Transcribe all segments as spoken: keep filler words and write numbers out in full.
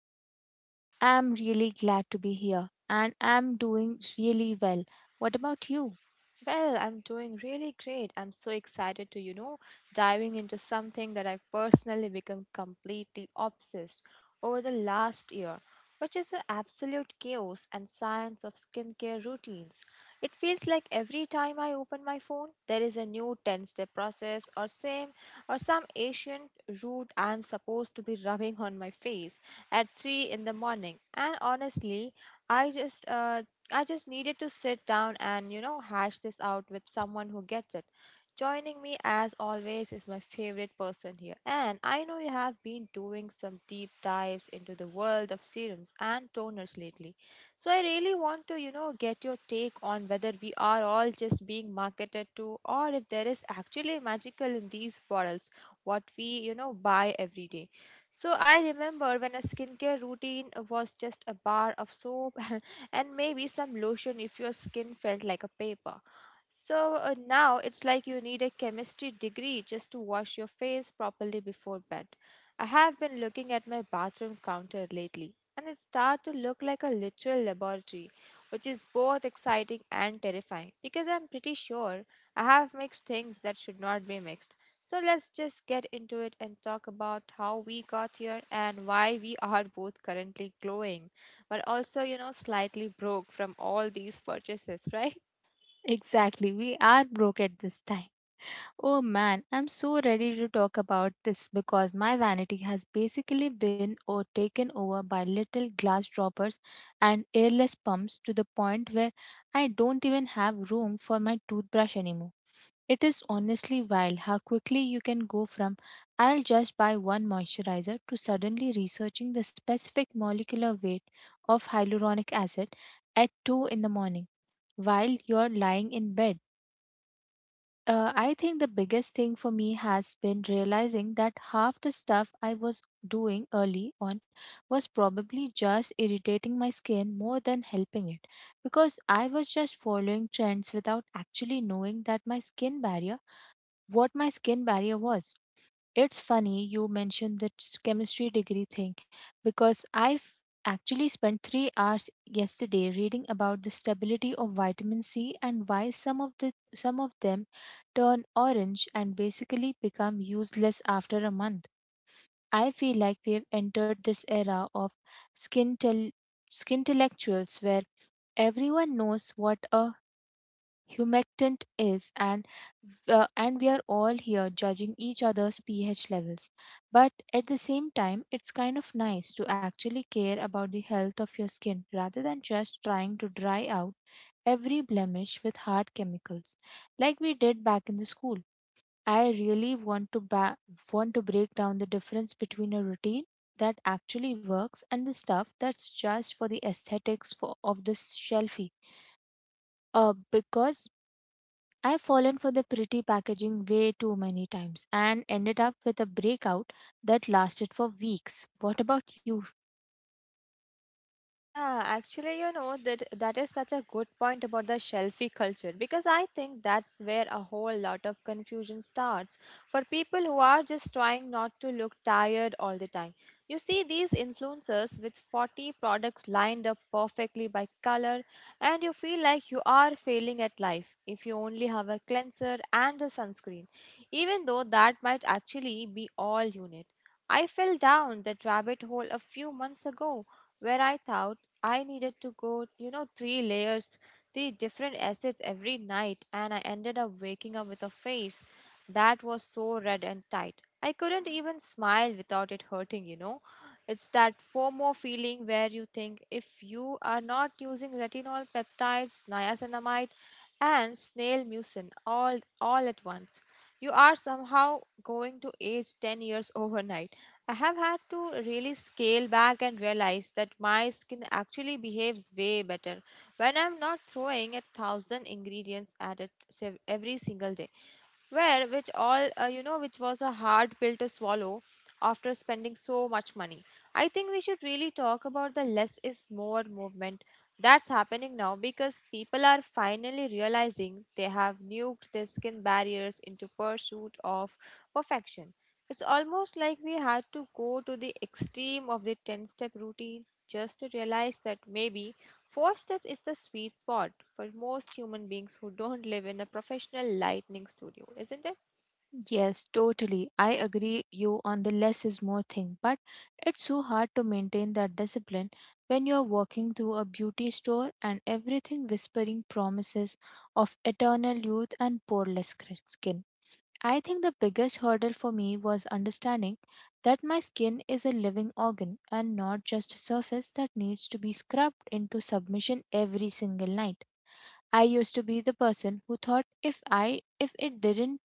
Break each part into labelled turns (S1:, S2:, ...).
S1: everybody. I'm really glad to be here and I'm doing really well. What about you?
S2: Well, I'm doing really great. I'm so excited to, you know, diving into something that I've personally become completely obsessed over the last year, which is the absolute chaos and science of skincare routines. It feels like every time I open my phone, there is a new ten-step process or same or some ancient root I'm supposed to be rubbing on my face at three in the morning. And honestly, I just uh, I just needed to sit down and, you know, hash this out with someone who gets it. Joining me, as always, is my favorite person here. And I know you have been doing some deep dives into the world of serums and toners lately. So I really want to, you know, get your take on whether we are all just being marketed to or if there is actually magical in these bottles, what we, you know, buy every day. So I remember when a skincare routine was just a bar of soap and maybe some lotion if your skin felt like a paper. So uh, now it's like you need a chemistry degree just to wash your face properly before bed. I have been looking at my bathroom counter lately and it starts to look like a literal laboratory, which is both exciting and terrifying because I'm pretty sure I have mixed things that should not be mixed. So let's just get into it and talk about how we got here and why we are both currently glowing but also, you know, slightly broke from all these purchases, right?
S1: Exactly, we are broke at this time. Oh man, I'm so ready to talk about this because my vanity has basically been or taken over by little glass droppers and airless pumps to the point where I don't even have room for my toothbrush anymore. It is honestly wild how quickly you can go from "I'll just buy one moisturizer" to suddenly researching the specific molecular weight of hyaluronic acid at two in the morning while you're lying in bed. Uh, I think the biggest thing for me has been realizing that half the stuff I was doing early on was probably just irritating my skin more than helping it, because I was just following trends without actually knowing that my skin barrier what my skin barrier was. It's funny you mentioned the s- chemistry degree thing, because I've actually spent three hours yesterday reading about the stability of vitamin C and why some of the some of them turn orange and basically become useless after a month. I feel like we have entered this era of skin tel- where everyone knows what a humectant is, and uh, and we are all here judging each other's ph levels. But at the same time, it's kind of nice to actually care about the health of your skin rather than just trying to dry out every blemish with hard chemicals like we did back in the school. I really want to ba- want to break down the difference between a routine that actually works and the stuff that's just for the aesthetics, for, of the shelfie, uh, because I've fallen for the pretty packaging way too many times and ended up with a breakout that lasted for weeks. What about you?
S2: Yeah, actually, you know, that that is such a good point about the shelfie culture because I think that's where a whole lot of confusion starts for people who are just trying not to look tired all the time. You see these influencers with forty products lined up perfectly by color and you feel like you are failing at life if you only have a cleanser and a sunscreen, even though that might actually be all you need. I fell down that rabbit hole a few months ago where I thought I needed to go, you know, three layers, three different acids every night, and I ended up waking up with a face that was so red and tight. I couldn't even smile without it hurting, you know. It's that FOMO feeling where you think if you are not using retinol peptides, niacinamide, and snail mucin all all at once you are somehow going to age ten years overnight. I have had to really scale back and realize that my skin actually behaves way better when I'm not throwing a thousand ingredients at it sev- every single day where which all uh, you know which was a hard pill to swallow after spending so much money. I think we should really talk about the less is more movement that's happening now because people are finally realizing they have nuked their skin barriers into pursuit of perfection. It's almost like we had to go to the extreme of the ten step routine just to realize that maybe four steps is the sweet spot for most human beings who don't live in a professional lightning studio, isn't it?
S1: Yes, totally. I agree you on the less is more thing, but it's so hard to maintain that discipline when you're walking through a beauty store and everything whispering promises of eternal youth and poreless skin. I think the biggest hurdle for me was understanding that my skin is a living organ and not just a surface that needs to be scrubbed into submission every single night. I used to be the person who thought if I if it didn't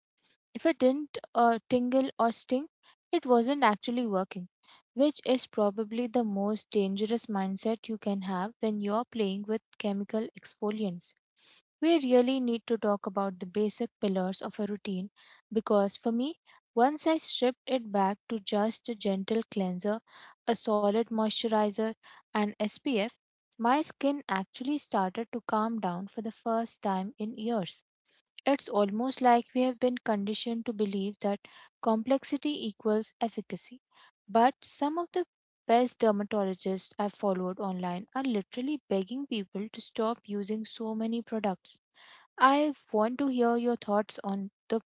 S1: if it didn't uh, tingle or sting, it wasn't actually working, which is probably the most dangerous mindset you can have when you're playing with chemical exfoliants. We really need to talk about the basic pillars of a routine, because for me, once I stripped it back to just a gentle cleanser, a solid moisturizer, and S P F, my skin actually started to calm down for the first time in years. It's almost like we have been conditioned to believe that complexity equals efficacy. But some of the best dermatologists i followed online are literally begging people to stop using so many products. I want to hear your thoughts on the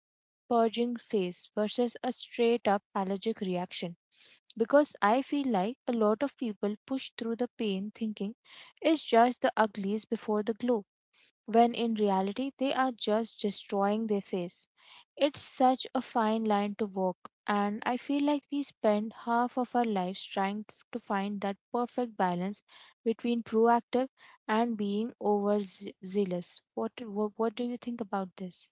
S1: purging phase versus a straight up allergic reaction, because I feel like a lot of people push through the pain thinking it's just the uglies before the glow, when in reality they are just destroying their face. It's such a fine line to walk, and I feel like we spend half of our lives trying t- to find that perfect balance between proactive and being overzealous. What, what, what do you think about this?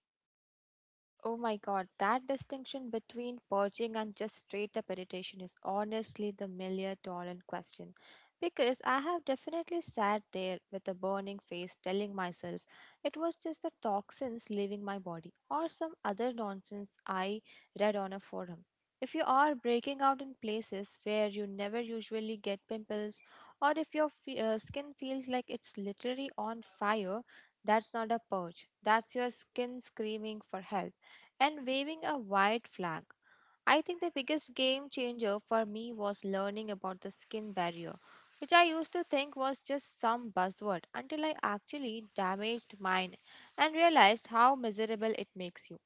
S2: Oh my god, that distinction between purging and just straight up irritation is honestly the million dollar question. Because I have definitely sat there with a burning face telling myself it was just the toxins leaving my body or some other nonsense I read on a forum. If you are breaking out in places where you never usually get pimples, or if your fe- uh, skin feels like it's literally on fire, that's not a purge. That's your skin screaming for help and waving a white flag. I think the biggest game changer for me was learning about the skin barrier, which I used to think was just some buzzword until I actually damaged mine and realized how miserable it makes you.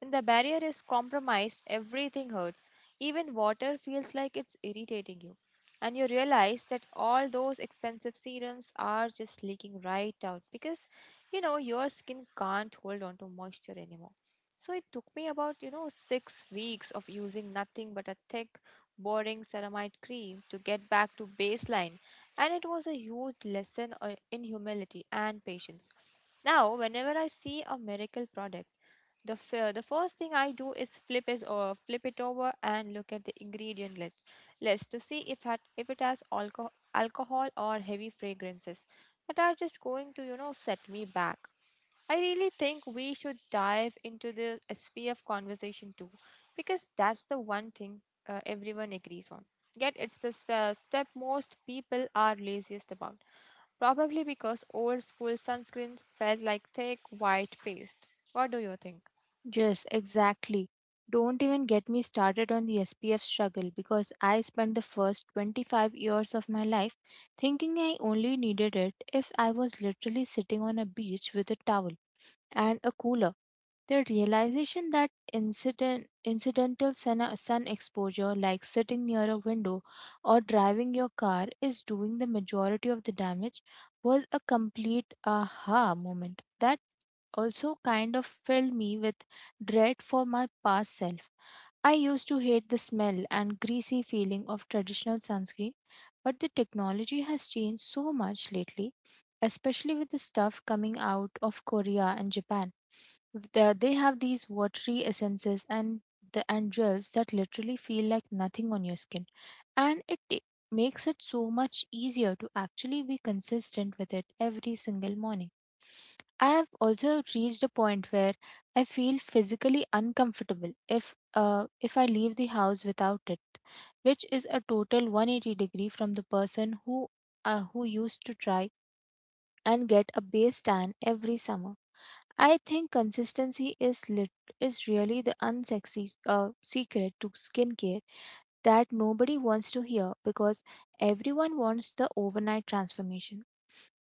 S2: When the barrier is compromised, everything hurts. Even water feels like it's irritating you. And you realize that all those expensive serums are just leaking right out because you know your skin can't hold on to moisture anymore. So it took me about, you know, six weeks of using nothing but a thick, boring ceramide cream to get back to baseline. And it was a huge lesson uh, in humility and patience. Now, whenever I see a miracle product, the, f- uh, the first thing I do is flip is or flip it over and look at the ingredient list list to see if had if it has alcohol alcohol or heavy fragrances that are just going to, you know, set me back. I really think we should dive into the S P F conversation too, because that's the one thing uh, everyone agrees on. Yet it's the s- step most people are laziest about, probably because old school sunscreen felt like thick white paste. What do you think?
S1: Yes, exactly. Don't even get me started on the S P F struggle, because I spent the first twenty-five years of my life thinking I only needed it if I was literally sitting on a beach with a towel and a cooler. The realization that incident, incidental sun, uh, sun exposure, like sitting near a window or driving your car, is doing the majority of the damage was a complete aha moment. That also kind of filled me with dread for my past self. I used to hate the smell and greasy feeling of traditional sunscreen, but the technology has changed so much lately, especially with the stuff coming out of Korea and Japan. The- They have these watery essences and the and gels that literally feel like nothing on your skin, and it ta- makes it so much easier to actually be consistent with it every single morning. I have also reached a point where I feel physically uncomfortable if uh, if I leave the house without it, which is a total one eighty degree from the person who uh, who used to try and get a base tan every summer. I think consistency is lit- is really the unsexy uh, secret to skincare that nobody wants to hear, because everyone wants the overnight transformation.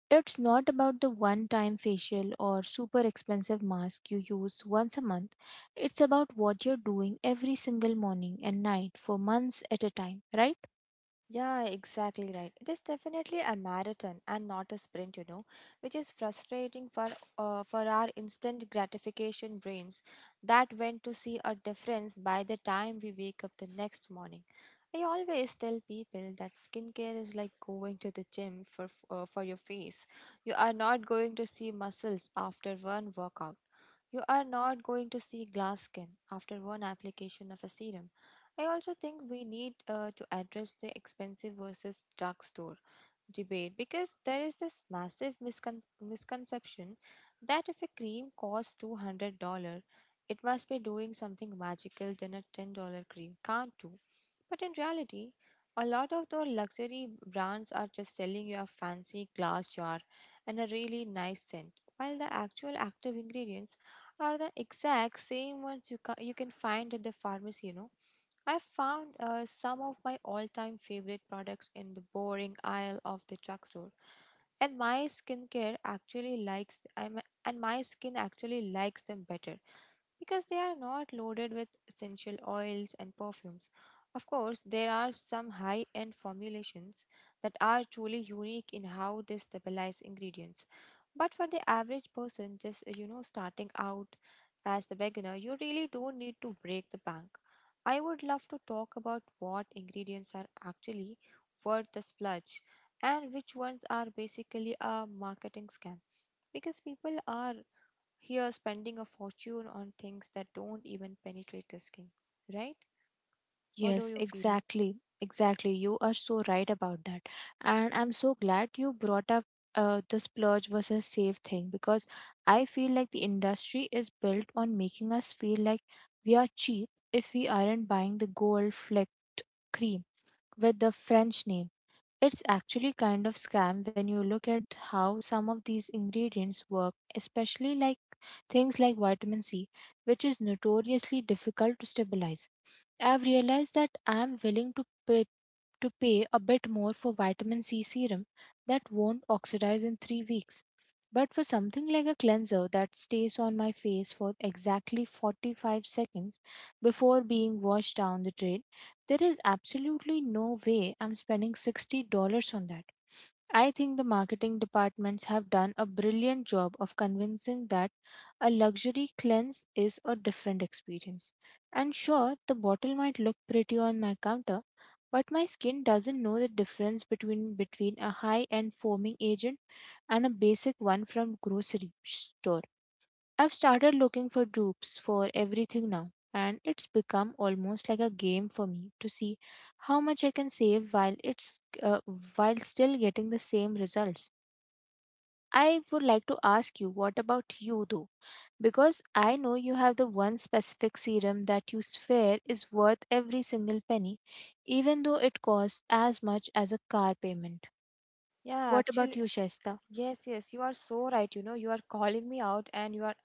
S1: It's not about the one time facial or super expensive mask you use once a month. It's about what you're doing every single morning and night for months at a time, right?
S2: Yeah, exactly right. It is definitely a marathon and not a sprint, you know, which is frustrating for uh, for our instant gratification brains that went to see a difference by the time we wake up the next morning. I always tell people that skincare is like going to the gym for f- uh, for your face. You are not going to see muscles after one workout. You are not going to see glass skin after one application of a serum. I also think we need uh, to address the expensive versus drugstore debate because there is this massive miscon- misconception that if a cream costs two hundred dollars it must be doing something magical than a ten dollars cream can't do. But in reality, a lot of the luxury brands are just selling you a fancy glass jar and a really nice scent, while the actual active ingredients are the exact same ones you, ca- you can find at the pharmacy, you know. I found uh, some of my all time favorite products in the boring aisle of the drugstore. And my skincare actually likes I'm, and my skin actually likes them better because they are not loaded with essential oils and perfumes. Of course, there are some high end formulations that are truly unique in how they stabilize ingredients. But for the average person, just you know, starting out as the beginner, you really don't need to break the bank. I would love to talk about what ingredients are actually worth the splurge and which ones are basically a marketing scam because people are here spending a fortune on things that don't even penetrate the skin, right? What do
S1: Yes,
S2: you feel?
S1: exactly. Exactly. You are so right about that. And I'm so glad you brought up uh, the splurge versus save thing, because I feel like the industry is built on making us feel like we are cheap if we aren't buying the gold fleck cream with the French name. It's actually kind of scam when you look at how some of these ingredients work, especially like things like vitamin C, which is notoriously difficult to stabilize. I've realized that I'm willing to pay, to pay a bit more for vitamin C serum that won't oxidize in three weeks. But for something like a cleanser that stays on my face for exactly forty-five seconds before being washed down the drain, there is absolutely no way I'm spending sixty dollars on that. I think the marketing departments have done a brilliant job of convincing that a luxury cleanse is a different experience. And sure, the bottle might look pretty on my counter, but my skin doesn't know the difference between between a high-end foaming agent and a basic one from grocery store. I've started looking for dupes for everything now, and it's become almost like a game for me to see how much I can save while it's uh, while still getting the same results. I would like to ask you, what about you though? Because I know you have the one specific serum that you swear is worth every single penny, even though it costs as much as a car payment.
S2: Yeah,
S1: What about
S2: actually,
S1: you, Shaista?
S2: Yes, yes, you are so right. You know, you are calling me out and you are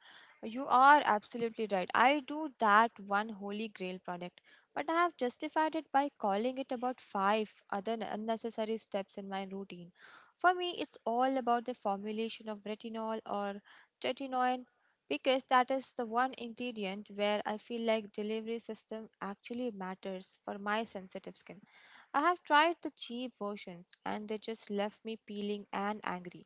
S2: you are absolutely right. I do that one holy grail product, but I have justified it by calling it about five other n- unnecessary steps in my routine. For me, it's all about the formulation of retinol or tretinoin because that is the one ingredient where I feel like delivery system actually matters for my sensitive skin. I have tried the cheap versions and they just left me peeling and angry.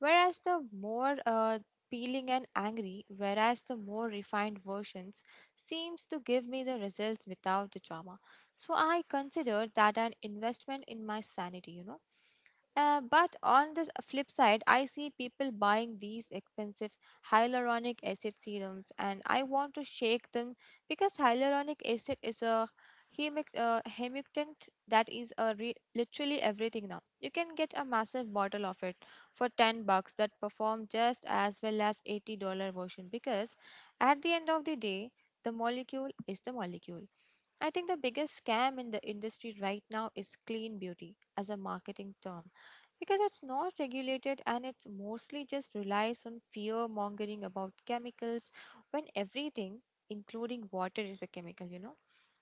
S2: Whereas the more uh, peeling and angry, whereas the more refined versions seems to give me the results without the drama. So I consider that an investment in my sanity, you know. Uh, but on the flip side, I see people buying these expensive hyaluronic acid serums, and I want to shake them because hyaluronic acid is a hemic- uh, humectant that is a re- literally everything now. You can get a massive bottle of it for ten bucks that perform just as well as eighty dollars version because at the end of the day the molecule is the molecule. I think the biggest scam in the industry right now is clean beauty as a marketing term because it's not regulated and it mostly just relies on fear mongering about chemicals when everything, including water, is a chemical, you know.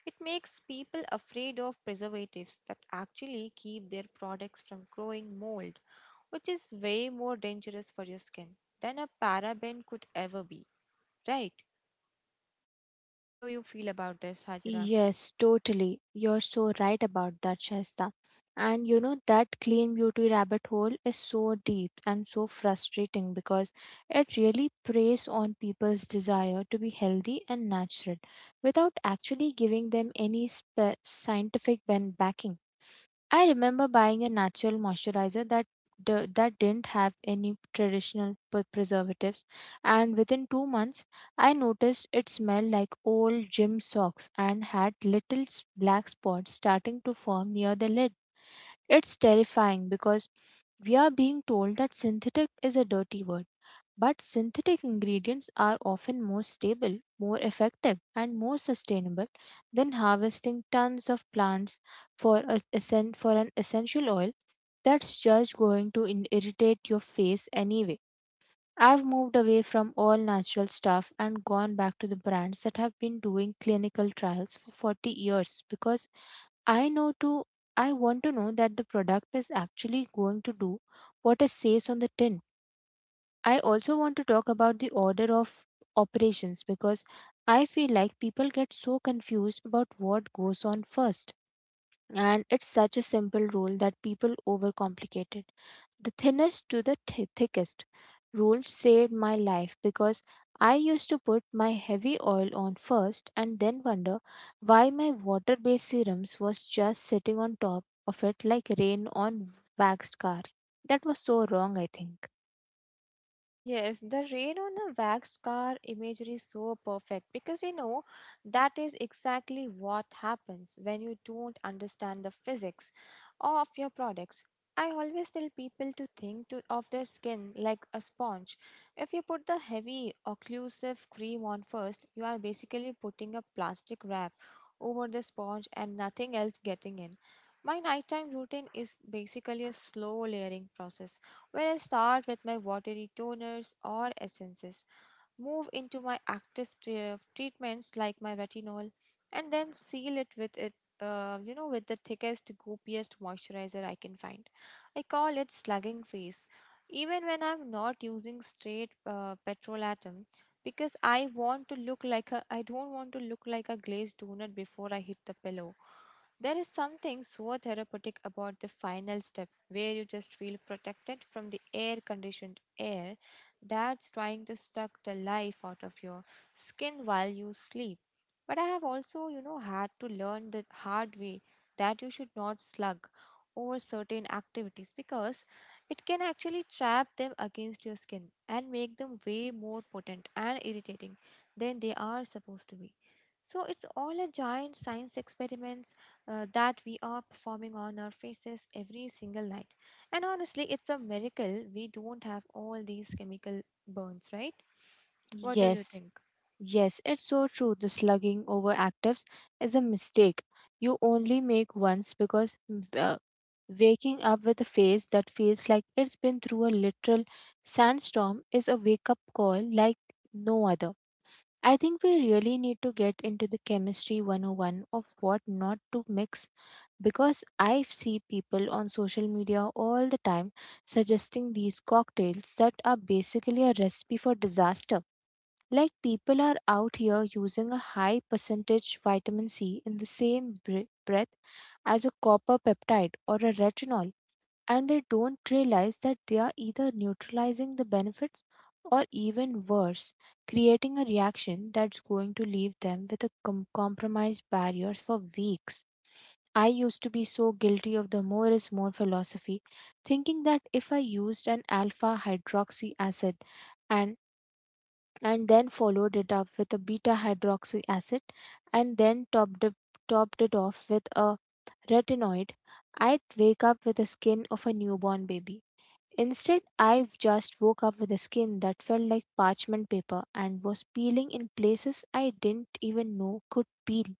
S2: It makes people afraid of preservatives that actually keep their products from growing mold, which is way more dangerous for your skin than a paraben could ever be, right? What do you feel about this, Hajra?
S1: Yes, totally. You're so right about that, Shasta. And you know, that clean beauty rabbit hole is so deep and so frustrating, because it really preys on people's desire to be healthy and natural without actually giving them any spe- scientific ben- backing. I remember buying a natural moisturizer that d- that didn't have any traditional p- preservatives, and within two months, I noticed it smelled like old gym socks and had little s- black spots starting to form near the lid. It's terrifying because we are being told that synthetic is a dirty word, but synthetic ingredients are often more stable, more effective, and more sustainable than harvesting tons of plants for, a, essen- for an essential oil that's just going to in- irritate your face anyway. I've moved away from all natural stuff and gone back to the brands that have been doing clinical trials for forty years, because I know to I want to know that the product is actually going to do what it says on the tin. I also want to talk about the order of operations, because I feel like people get so confused about what goes on first. And it's such a simple rule that people overcomplicate it. The thinnest to the thi- thickest rule saved my life, because I used to put my heavy oil on first and then wonder why my water based serums was just sitting on top of it like rain on waxed car. That was so wrong, I think.
S2: Yes, the rain on a waxed car imagery is so perfect because you know that is exactly what happens when you don't understand the physics of your products. I always tell people to think to, of their skin like a sponge. If you put the heavy occlusive cream on first, you are basically putting a plastic wrap over the sponge and nothing else getting in. My nighttime routine is basically a slow layering process where I start with my watery toners or essences move into my active tre- treatments like my retinol, and then seal it with it. Uh, you know, with the thickest, goopiest moisturizer I can find. I call it slugging face, even when I'm not using straight uh, petrol atom, because I want to look like a. I don't want to look like a glazed donut before I hit the pillow. There is something so therapeutic about the final step where you just feel protected from the air conditioned air that's trying to suck the life out of your skin while you sleep. But I have also, you know, had to learn the hard way that you should not slug over certain activities because it can actually trap them against your skin and make them way more potent and irritating than they are supposed to be. So it's all a giant science experiment uh, that we are performing on our faces every single night. And honestly, it's a miracle we don't have all these chemical burns, right? What do you
S1: Yes,
S2: think?
S1: yes, it's so true. The slugging over actives is a mistake you only make once, because uh, waking up with a face that feels like it's been through a literal sandstorm is a wake up call like no other. I think we really need to get into the chemistry one oh one of what not to mix, because I see people on social media all the time suggesting these cocktails that are basically a recipe for disaster. Like, people are out here using a high percentage vitamin C in the same bre- breath as a copper peptide or a retinol, and they don't realize that they are either neutralizing the benefits or, even worse, creating a reaction that's going to leave them with a com- compromised barriers for weeks. I used to be so guilty of the more is more philosophy, thinking that if I used an alpha hydroxy acid, and and then followed it up with a beta hydroxy acid and then topped it, topped it off with a retinoid, I'd wake up with the skin of a newborn baby. Instead, I just woke up with a skin that felt like parchment paper and was peeling in places I didn't even know could peel.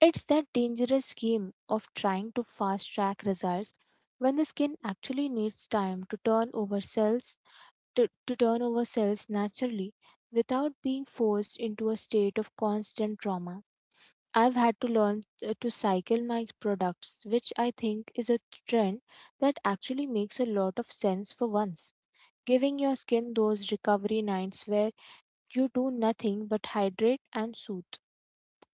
S1: It's that dangerous game of trying to fast track results when the skin actually needs time to turn over cells to, to turn over cells naturally without being forced into a state of constant trauma. I've had to learn uh, to cycle my products, which I think is a trend that actually makes a lot of sense for once. Giving your skin those recovery nights where you do nothing but hydrate and soothe.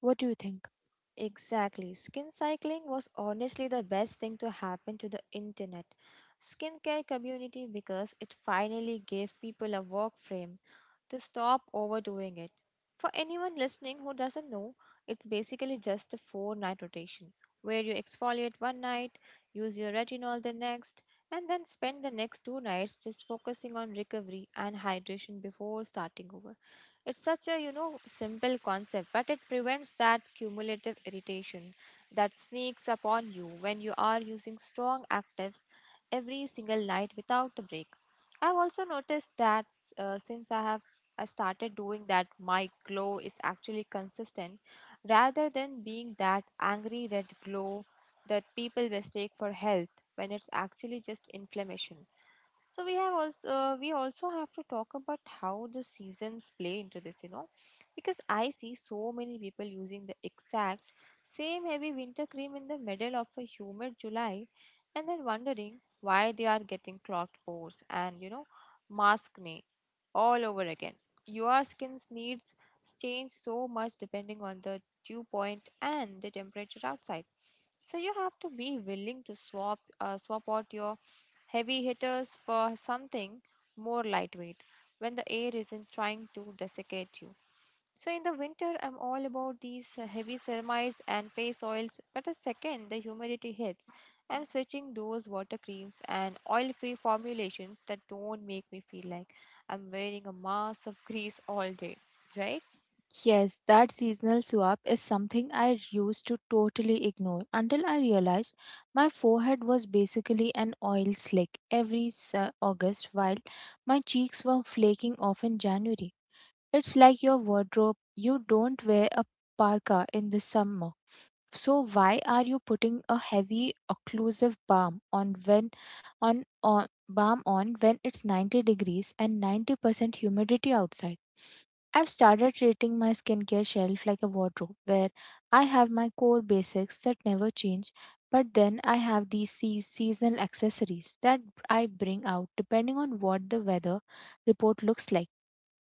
S1: What do you think?
S2: Exactly. Skin cycling was honestly the best thing to happen to the internet skincare community because it finally gave people a work frame to stop overdoing it. For anyone listening who doesn't know, it's basically just a four night rotation where you exfoliate one night, use your retinol the next, and then spend the next two nights just focusing on recovery and hydration before starting over. It's such a, you know, simple concept, but it prevents that cumulative irritation that sneaks upon you when you are using strong actives every single night without a break. I've also noticed that uh, since I have I started doing that, my glow is actually consistent rather than being that angry red glow that people mistake for health when it's actually just inflammation. So we have also uh, we also have to talk about how the seasons play into this, you know, because I see so many people using the exact same heavy winter cream in the middle of a humid July, and then wondering why they are getting clogged pores and, you know, mask acne all over again. Your skin's needs change so much depending on the dew point and the temperature outside. So you have to be willing to swap uh, swap out your heavy hitters for something more lightweight when the air isn't trying to desiccate you. So in the winter, I'm all about these uh, heavy ceramides and face oils. But the second the humidity hits, I'm switching those water creams and oil-free formulations that don't make me feel like I'm wearing a mass of grease all day, right?
S1: Yes, that seasonal swap is something I used to totally ignore until I realized my forehead was basically an oil slick every s- uh, August while my cheeks were flaking off in January. It's like your wardrobe, you don't wear a parka in the summer. So why are you putting a heavy occlusive balm on when on, on balm on when it's ninety degrees and ninety percent humidity outside? I've started treating my skincare shelf like a wardrobe where I have my core basics that never change, but then I have these sea- seasonal accessories that I bring out depending on what the weather report looks like.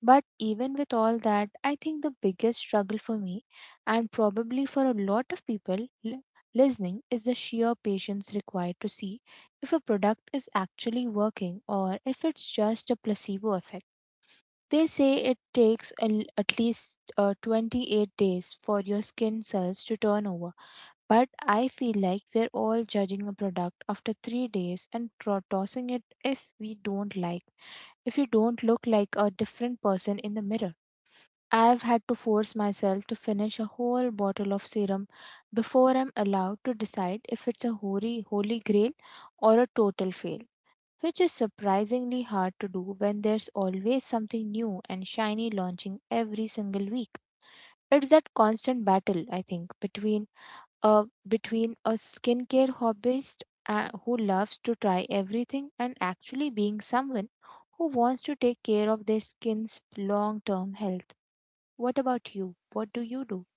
S1: But even with all that, I think the biggest struggle for me, and probably for a lot of people li- listening, is the sheer patience required to see if a product is actually working or if it's just a placebo effect. They say it takes a l- at least uh, twenty-eight days for your skin cells to turn over. But I feel like we're all judging a product after three days and tro- tossing it if we don't like, if you don't look like a different person in the mirror. I've had to force myself to finish a whole bottle of serum before I'm allowed to decide if it's a holy, holy grail or a total fail, which is surprisingly hard to do when there's always something new and shiny launching every single week. It's that constant battle, I think, between a between a skincare hobbyist uh, who loves to try everything and actually being someone who wants to take care of their skin's long-term health. What about you? What do you do?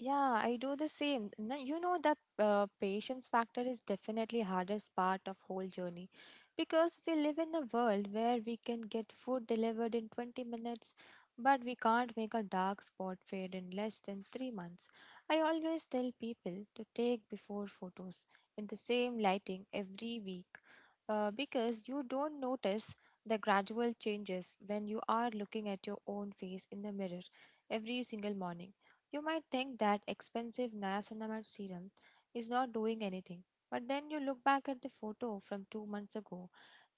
S2: Yeah, I do the same. N- You know that uh, patience factor is definitely hardest part of whole journey because we live in a world where we can get food delivered in twenty minutes but we can't make a dark spot fade in less than three months. I always tell people to take before photos in the same lighting every week uh, because you don't notice the gradual changes when you are looking at your own face in the mirror every single morning you might think that expensive niacinamide serum is not doing anything, but then you look back at the photo from two months ago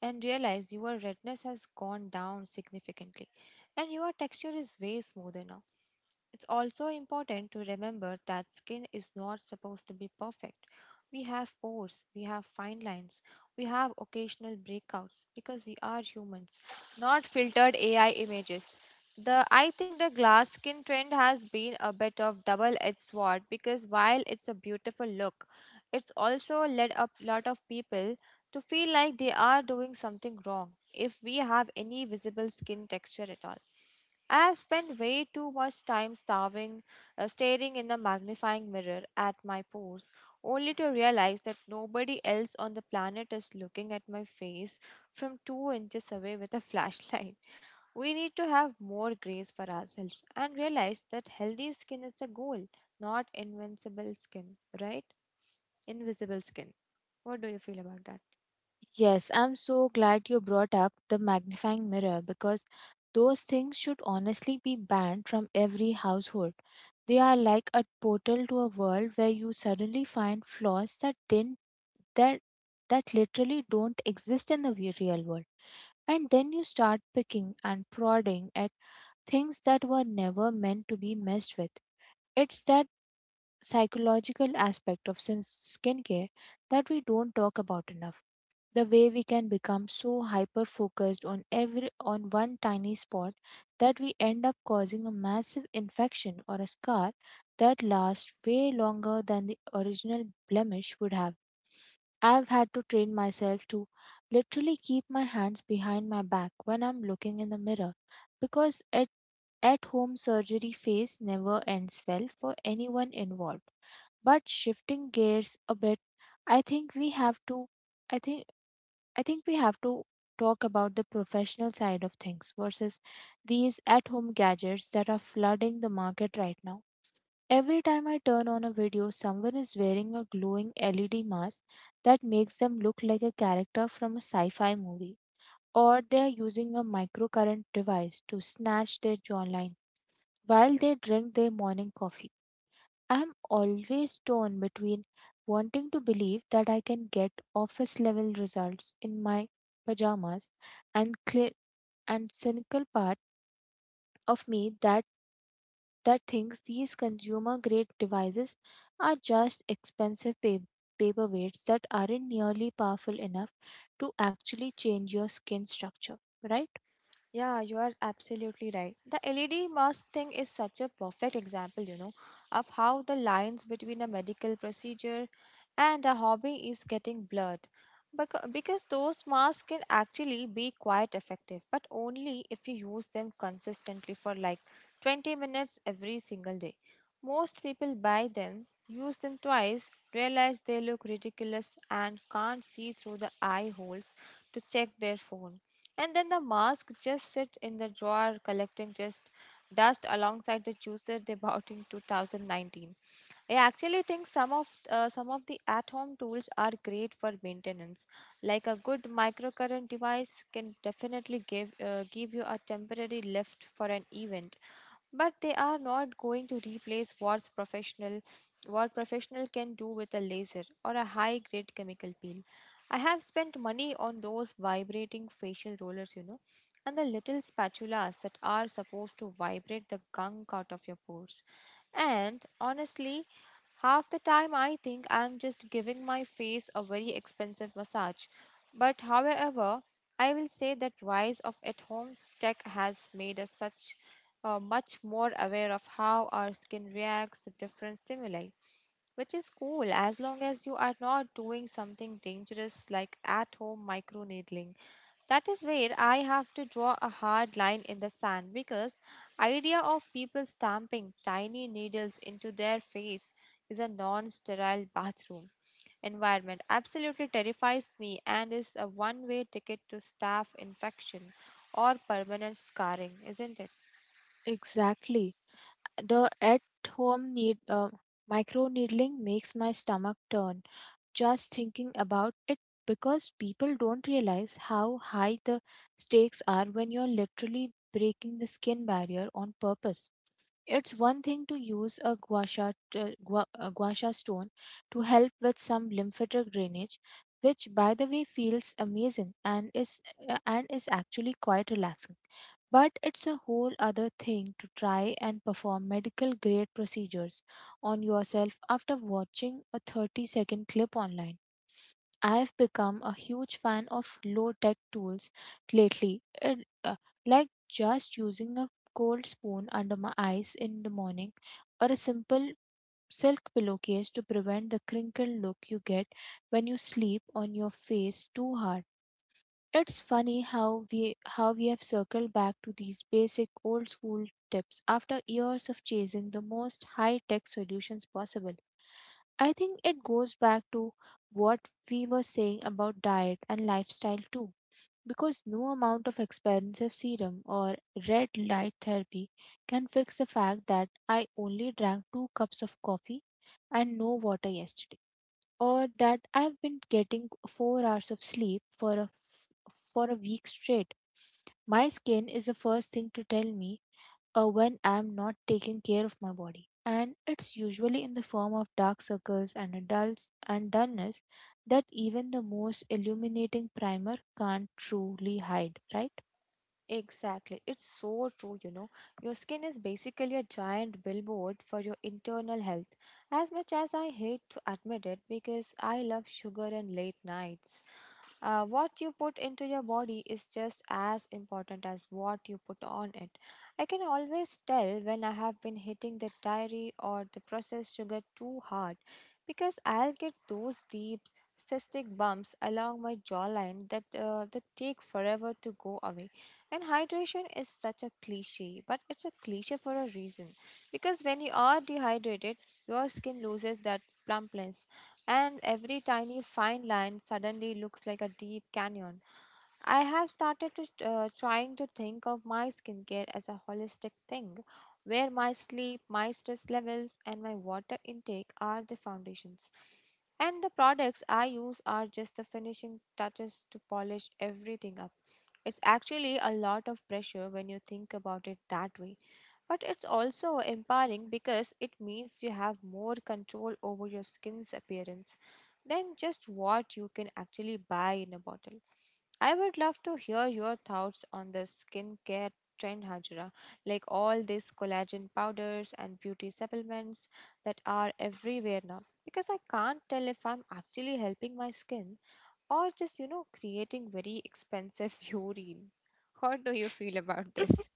S2: and realize your redness has gone down significantly and your texture is way smoother now. It's also important to remember that skin is not supposed to be perfect. We have pores, we have fine lines, we have occasional breakouts because we are humans, not filtered A I images. The I think the glass skin trend has been a bit of double-edged sword because while it's a beautiful look, it's also led a lot of people to feel like they are doing something wrong if we have any visible skin texture at all. I have spent way too much time starving, uh, staring in the magnifying mirror at my pores, only to realize that nobody else on the planet is looking at my face from two inches away with a flashlight. We need to have more grace for ourselves and realize that healthy skin is the goal, not invincible skin, right? Invisible skin. What do you feel about that?
S1: Yes, I'm so glad you brought up the magnifying mirror, because those things should honestly be banned from every household. They are like a portal to a world where you suddenly find flaws that didn't that that literally don't exist in the we- real world. And then you start picking and prodding at things that were never meant to be messed with. It's that psychological aspect of sin- skincare that we don't talk about enough. The way we can become so hyper focused on every on one tiny spot that we end up causing a massive infection or a scar that lasts way longer than the original blemish would have. I've had to train myself to literally keep my hands behind my back when I'm looking in the mirror, because it at home surgery phase never ends well for anyone involved. But shifting gears a bit, I think we have to I think I think we have to talk about the professional side of things versus these at-home gadgets that are flooding the market right now. Every time I turn on a video, someone is wearing a glowing L E D mask that makes them look like a character from a sci-fi movie, or they are using a microcurrent device to snatch their jawline while they drink their morning coffee. I'm always torn between wanting to believe that I can get office level results in my pajamas and cli and cynical part of me that that thinks these consumer grade devices are just expensive pa- paperweights that aren't nearly powerful enough to actually change your skin structure, right?
S2: Yeah, you are absolutely right. The L E D mask thing is such a perfect example, you know, of how the lines between a medical procedure and a hobby is getting blurred. Becau- Because those masks can actually be quite effective, but only if you use them consistently for like twenty minutes every single day. Most people buy them, use them twice, realize they look ridiculous, and can't see through the eye holes to check their phone. And then the mask just sits in the drawer collecting just dust alongside the juicer they bought in two thousand nineteen. I actually think some of uh, some of the at-home tools are great for maintenance like a good microcurrent device can definitely give uh, give you a temporary lift for an event, but they are not going to replace what's professional what professional can do with a laser or a high grade chemical peel. I have spent money on those vibrating facial rollers, you know, and the little spatulas that are supposed to vibrate the gunk out of your pores. And honestly, half the time, I think I'm just giving my face a very expensive massage. But however, I will say that rise of at-home tech has made us such uh, much more aware of how our skin reacts to different stimuli which is cool as long as you are not doing something dangerous like at home microneedling. That is where I have to draw a hard line in the sand because idea of people stamping tiny needles into their face is a non-sterile bathroom environment absolutely terrifies me and is a one-way ticket to staph infection or permanent scarring, isn't it?
S1: Exactly. The at home need uh, micro needling makes my stomach turn just thinking about it, because people don't realize how high the stakes are when you're literally breaking the skin barrier on purpose. It's one thing to use a gua sha, t- gua, a gua sha stone to help with some lymphatic drainage, which by the way feels amazing and is uh, and is actually quite relaxing. But it's a whole other thing to try and perform medical grade procedures on yourself after watching a thirty second clip online. I've become a huge fan of low tech tools lately. It, uh, like just using a cold spoon under my eyes in the morning, or a simple silk pillowcase to prevent the crinkled look you get when you sleep on your face too hard. It's funny how we how we have circled back to these basic old school tips after years of chasing the most high tech solutions possible. I think it goes back to what we were saying about diet and lifestyle too, because no amount of expensive serum or red light therapy can fix the fact that I only drank two cups of coffee and no water yesterday, or that I've been getting four hours of sleep for a for a week straight. My skin is the first thing to tell me uh, when I'm not taking care of my body. And it's usually in the form of dark circles and a dull and dullness that even the most illuminating primer can't truly hide, right?
S2: Exactly. It's so true, you know. Your skin is basically a giant billboard for your internal health. As much as I hate to admit it because I love sugar and late nights, uh, what you put into your body is just as important as what you put on it. I can always tell when I have been hitting the dairy or the processed sugar too hard because I'll get those deep cystic bumps along my jawline that uh, that take forever to go away. And hydration is such a cliche, but it's a cliche for a reason. Because when you are dehydrated, your skin loses that plumpness, and every tiny fine line suddenly looks like a deep canyon. I have started to uh, trying to think of my skincare as a holistic thing where my sleep, my stress levels and my water intake are the foundations. And the products I use are just the finishing touches to polish everything up. It's actually a lot of pressure when you think about it that way but it's also empowering because it means you have more control over your skin's appearance than just what you can actually buy in a bottle. I would love to hear your thoughts on the skincare trend, Hajra, like all these collagen powders and beauty supplements that are everywhere now. Because I can't tell if I'm actually helping my skin or just, you know, creating very expensive urine. How do you feel about this?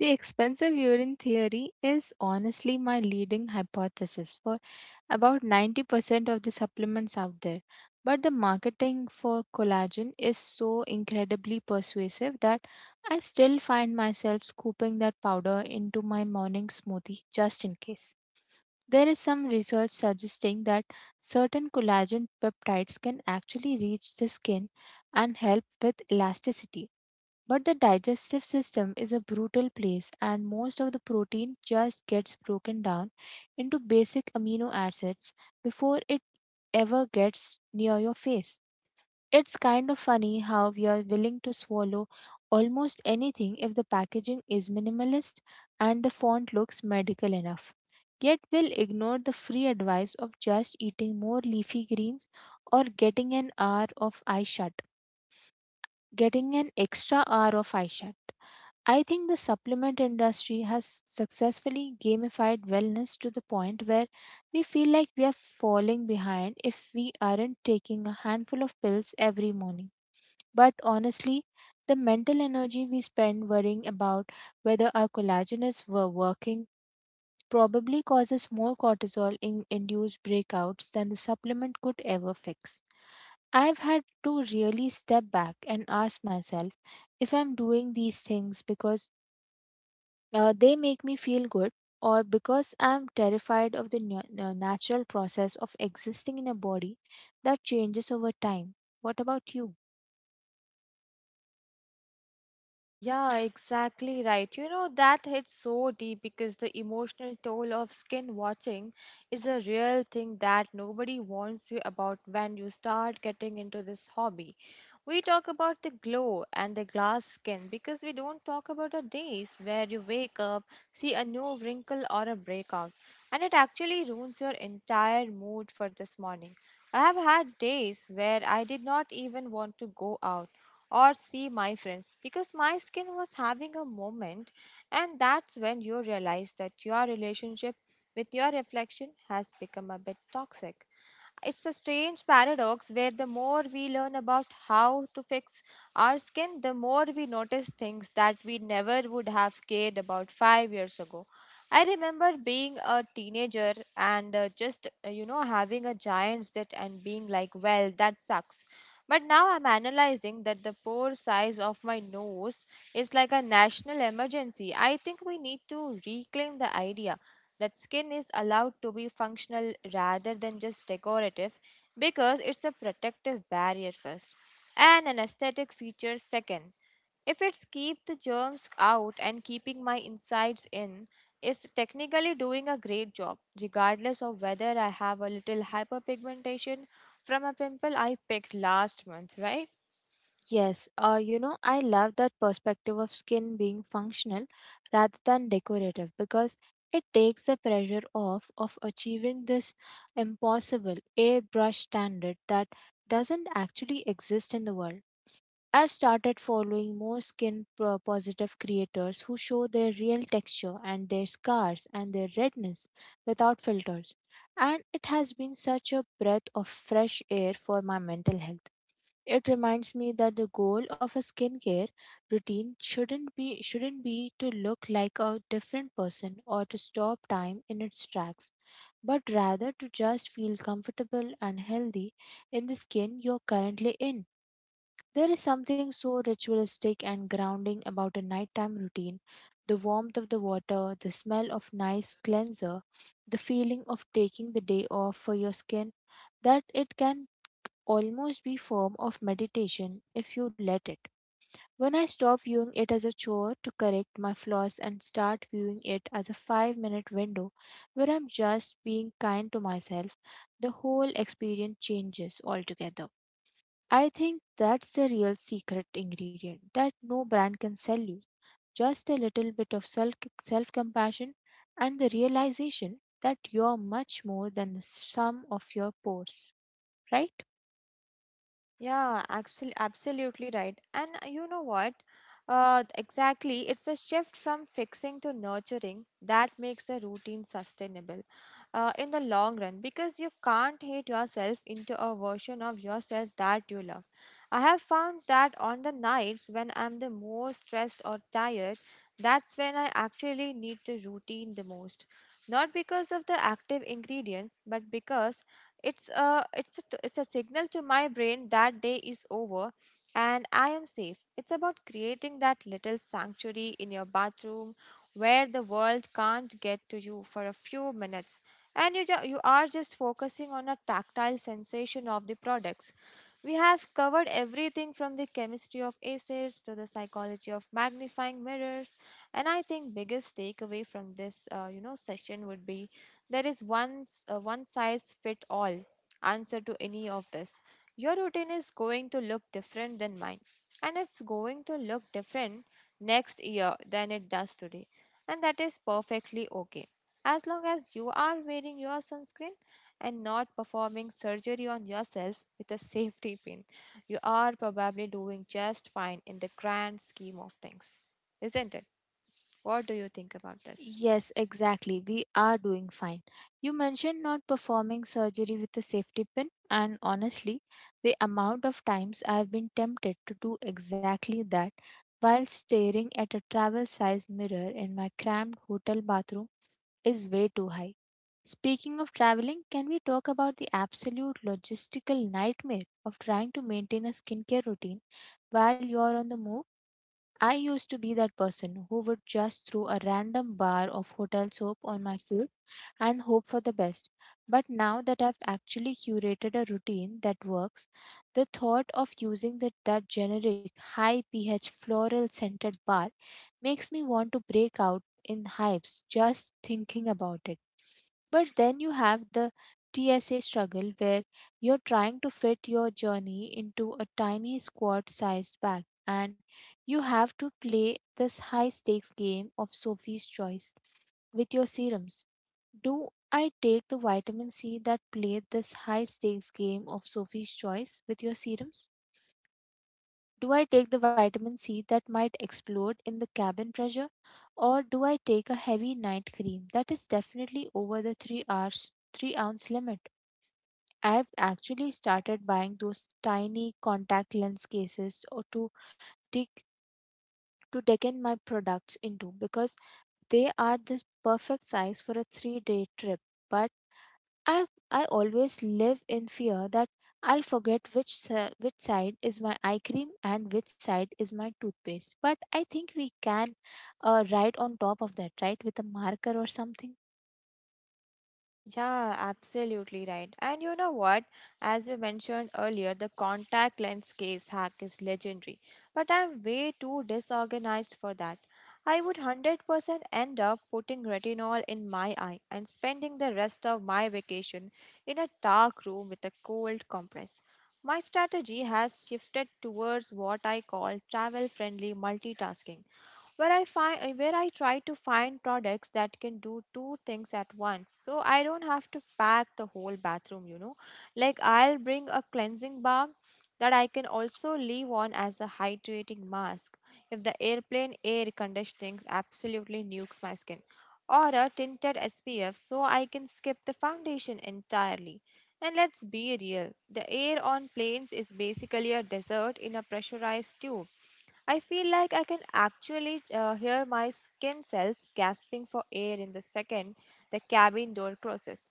S1: The expensive urine theory is honestly my leading hypothesis for about ninety percent of the supplements out there. But the marketing for collagen is so incredibly persuasive that I still find myself scooping that powder into my morning smoothie just in case. There is some research suggesting that certain collagen peptides can actually reach the skin and help with elasticity, but the digestive system is a brutal place, and most of the protein just gets broken down into basic amino acids before it ever gets near your face. It's kind of funny how we are willing to swallow almost anything if the packaging is minimalist and the font looks medical enough. Yet we'll ignore the free advice of just eating more leafy greens or getting an hour of eye shut. getting an extra hour of eye shut. I think the supplement industry has successfully gamified wellness to the point where we feel like we are falling behind if we aren't taking a handful of pills every morning. But honestly, the mental energy we spend worrying about whether our collagen is were working probably causes more cortisol in induced breakouts than the supplement could ever fix. I've had to really step back and ask myself if I'm doing these things because uh, they make me feel good, or because I'm terrified of the nu- uh, natural process of existing in a body that changes over time. What about you?
S2: Yeah, exactly right. You know, that hits so deep because the emotional toll of skin watching is a real thing that nobody warns you about when you start getting into this hobby. We talk about the glow and the glass skin because we don't talk about the days where you wake up, see a new wrinkle or a breakout, and it actually ruins your entire mood for this morning. I have had days where I did not even want to go out or see my friends because my skin was having a moment and that's when you realize that your relationship with your reflection has become a bit toxic it's a strange paradox where the more we learn about how to fix our skin, the more we notice things that we never would have cared about five years ago. I remember being a teenager and uh, just, uh, you know, having a giant zit and being like, well, that sucks. But now I'm analyzing that the pore size of my nose is like a national emergency. I think we need to reclaim the idea that skin is allowed to be functional rather than just decorative because it's a protective barrier first and an aesthetic feature second. If it's keep the germs out and keeping my insides in, it's technically doing a great job, regardless of whether I have a little hyperpigmentation from a pimple I picked last month, right?
S1: Yes, uh, you know, I love that perspective of skin being functional rather than decorative, because it takes the pressure off of achieving this impossible airbrush standard that doesn't actually exist in the world. I've started following more skin pro- positive creators who show their real texture and their scars and their redness without filters. And it has been such a breath of fresh air for my mental health. It reminds me that the goal of a skincare routine shouldn't be shouldn't be to look like a different person or to stop time in its tracks, but rather to just feel comfortable and healthy in the skin you're currently in. There is something so ritualistic and grounding about a nighttime routine, the warmth of the water, the smell of nice cleanser, the feeling of taking the day off for your skin, that it can almost be form of meditation if you let it. When I stop viewing it as a chore to correct my flaws and start viewing it as a five minute window where I'm just being kind to myself, the whole experience changes altogether. I think that's the real secret ingredient that no brand can sell you. Just a little bit of self compassion and the realization that you're much more than the sum of your pores, right?
S2: Yeah, absolutely, absolutely right. And uh, you know what? Uh, th- exactly, it's the shift from fixing to nurturing that makes the routine sustainable uh, in the long run, because you can't hate yourself into a version of yourself that you love. I have found that on the nights when I'm the most stressed or tired, that's when I actually need the routine the most. Not because of the active ingredients, but because it's a it's a, t- it's a signal to my brain that day is over and I am safe. It's about creating that little sanctuary in your bathroom where the world can't get to you for a few minutes, and you, ju- you are just focusing on a tactile sensation of the products. We have covered everything from the chemistry of acids to the psychology of magnifying mirrors, and I think biggest takeaway from this uh, you know session would be there is one s- uh, one size fit all answer to any of this. Your routine is going to look different than mine, and it's going to look different next year than it does today, and that is perfectly okay. As long as you are wearing your sunscreen and not performing surgery on yourself with a safety pin, you are probably doing just fine in the grand scheme of things, isn't it? What do you think about this?
S1: Yes, exactly. We are doing fine. You mentioned not performing surgery with a safety pin, and honestly, the amount of times I've been tempted to do exactly that while staring at a travel sized mirror in my cramped hotel bathroom is way too high. Speaking of traveling, can we talk about the absolute logistical nightmare of trying to maintain a skincare routine while you're on the move? I used to be that person who would just throw a random bar of hotel soap on my face and hope for the best. But now that I've actually curated a routine that works, the thought of using the, that generic high pH floral scented bar makes me want to break out in hives just thinking about it. But then you have the T S A struggle where you're trying to fit your journey into a tiny squad sized bag, and you have to play this high stakes game of Sophie's choice with your serums. Do I take the vitamin C that played this high stakes game of Sophie's choice with your serums? Do I take the vitamin C that might explode in the cabin pressure? Or do I take a heavy night cream that is definitely over the three hours three ounce limit? I've actually started buying those tiny contact lens cases or to take to decan my products into, because they are this perfect size for a three day trip, but I I always live in fear that I'll forget which si- which side is my eye cream and which side is my toothpaste. But I think we can uh, write on top of that, right, with a marker or something.
S2: Yeah, absolutely right. And you know what? As you mentioned earlier, the contact lens case hack is legendary, but I'm way too disorganized for that. I would one hundred percent end up putting retinol in my eye and spending the rest of my vacation in a dark room with a cold compress. My strategy has shifted towards what I call travel friendly multitasking, where I find where I try to find products that can do two things at once, so I don't have to pack the whole bathroom, you know. Like, I'll bring a cleansing bar that I can also leave on as a hydrating mask if the airplane air conditioning absolutely nukes my skin, or a tinted S P F so I can skip the foundation entirely. And let's be real, the air on planes is basically a desert in a pressurized tube. I feel like I can actually uh, hear my skin cells gasping for air in the second the cabin door closes.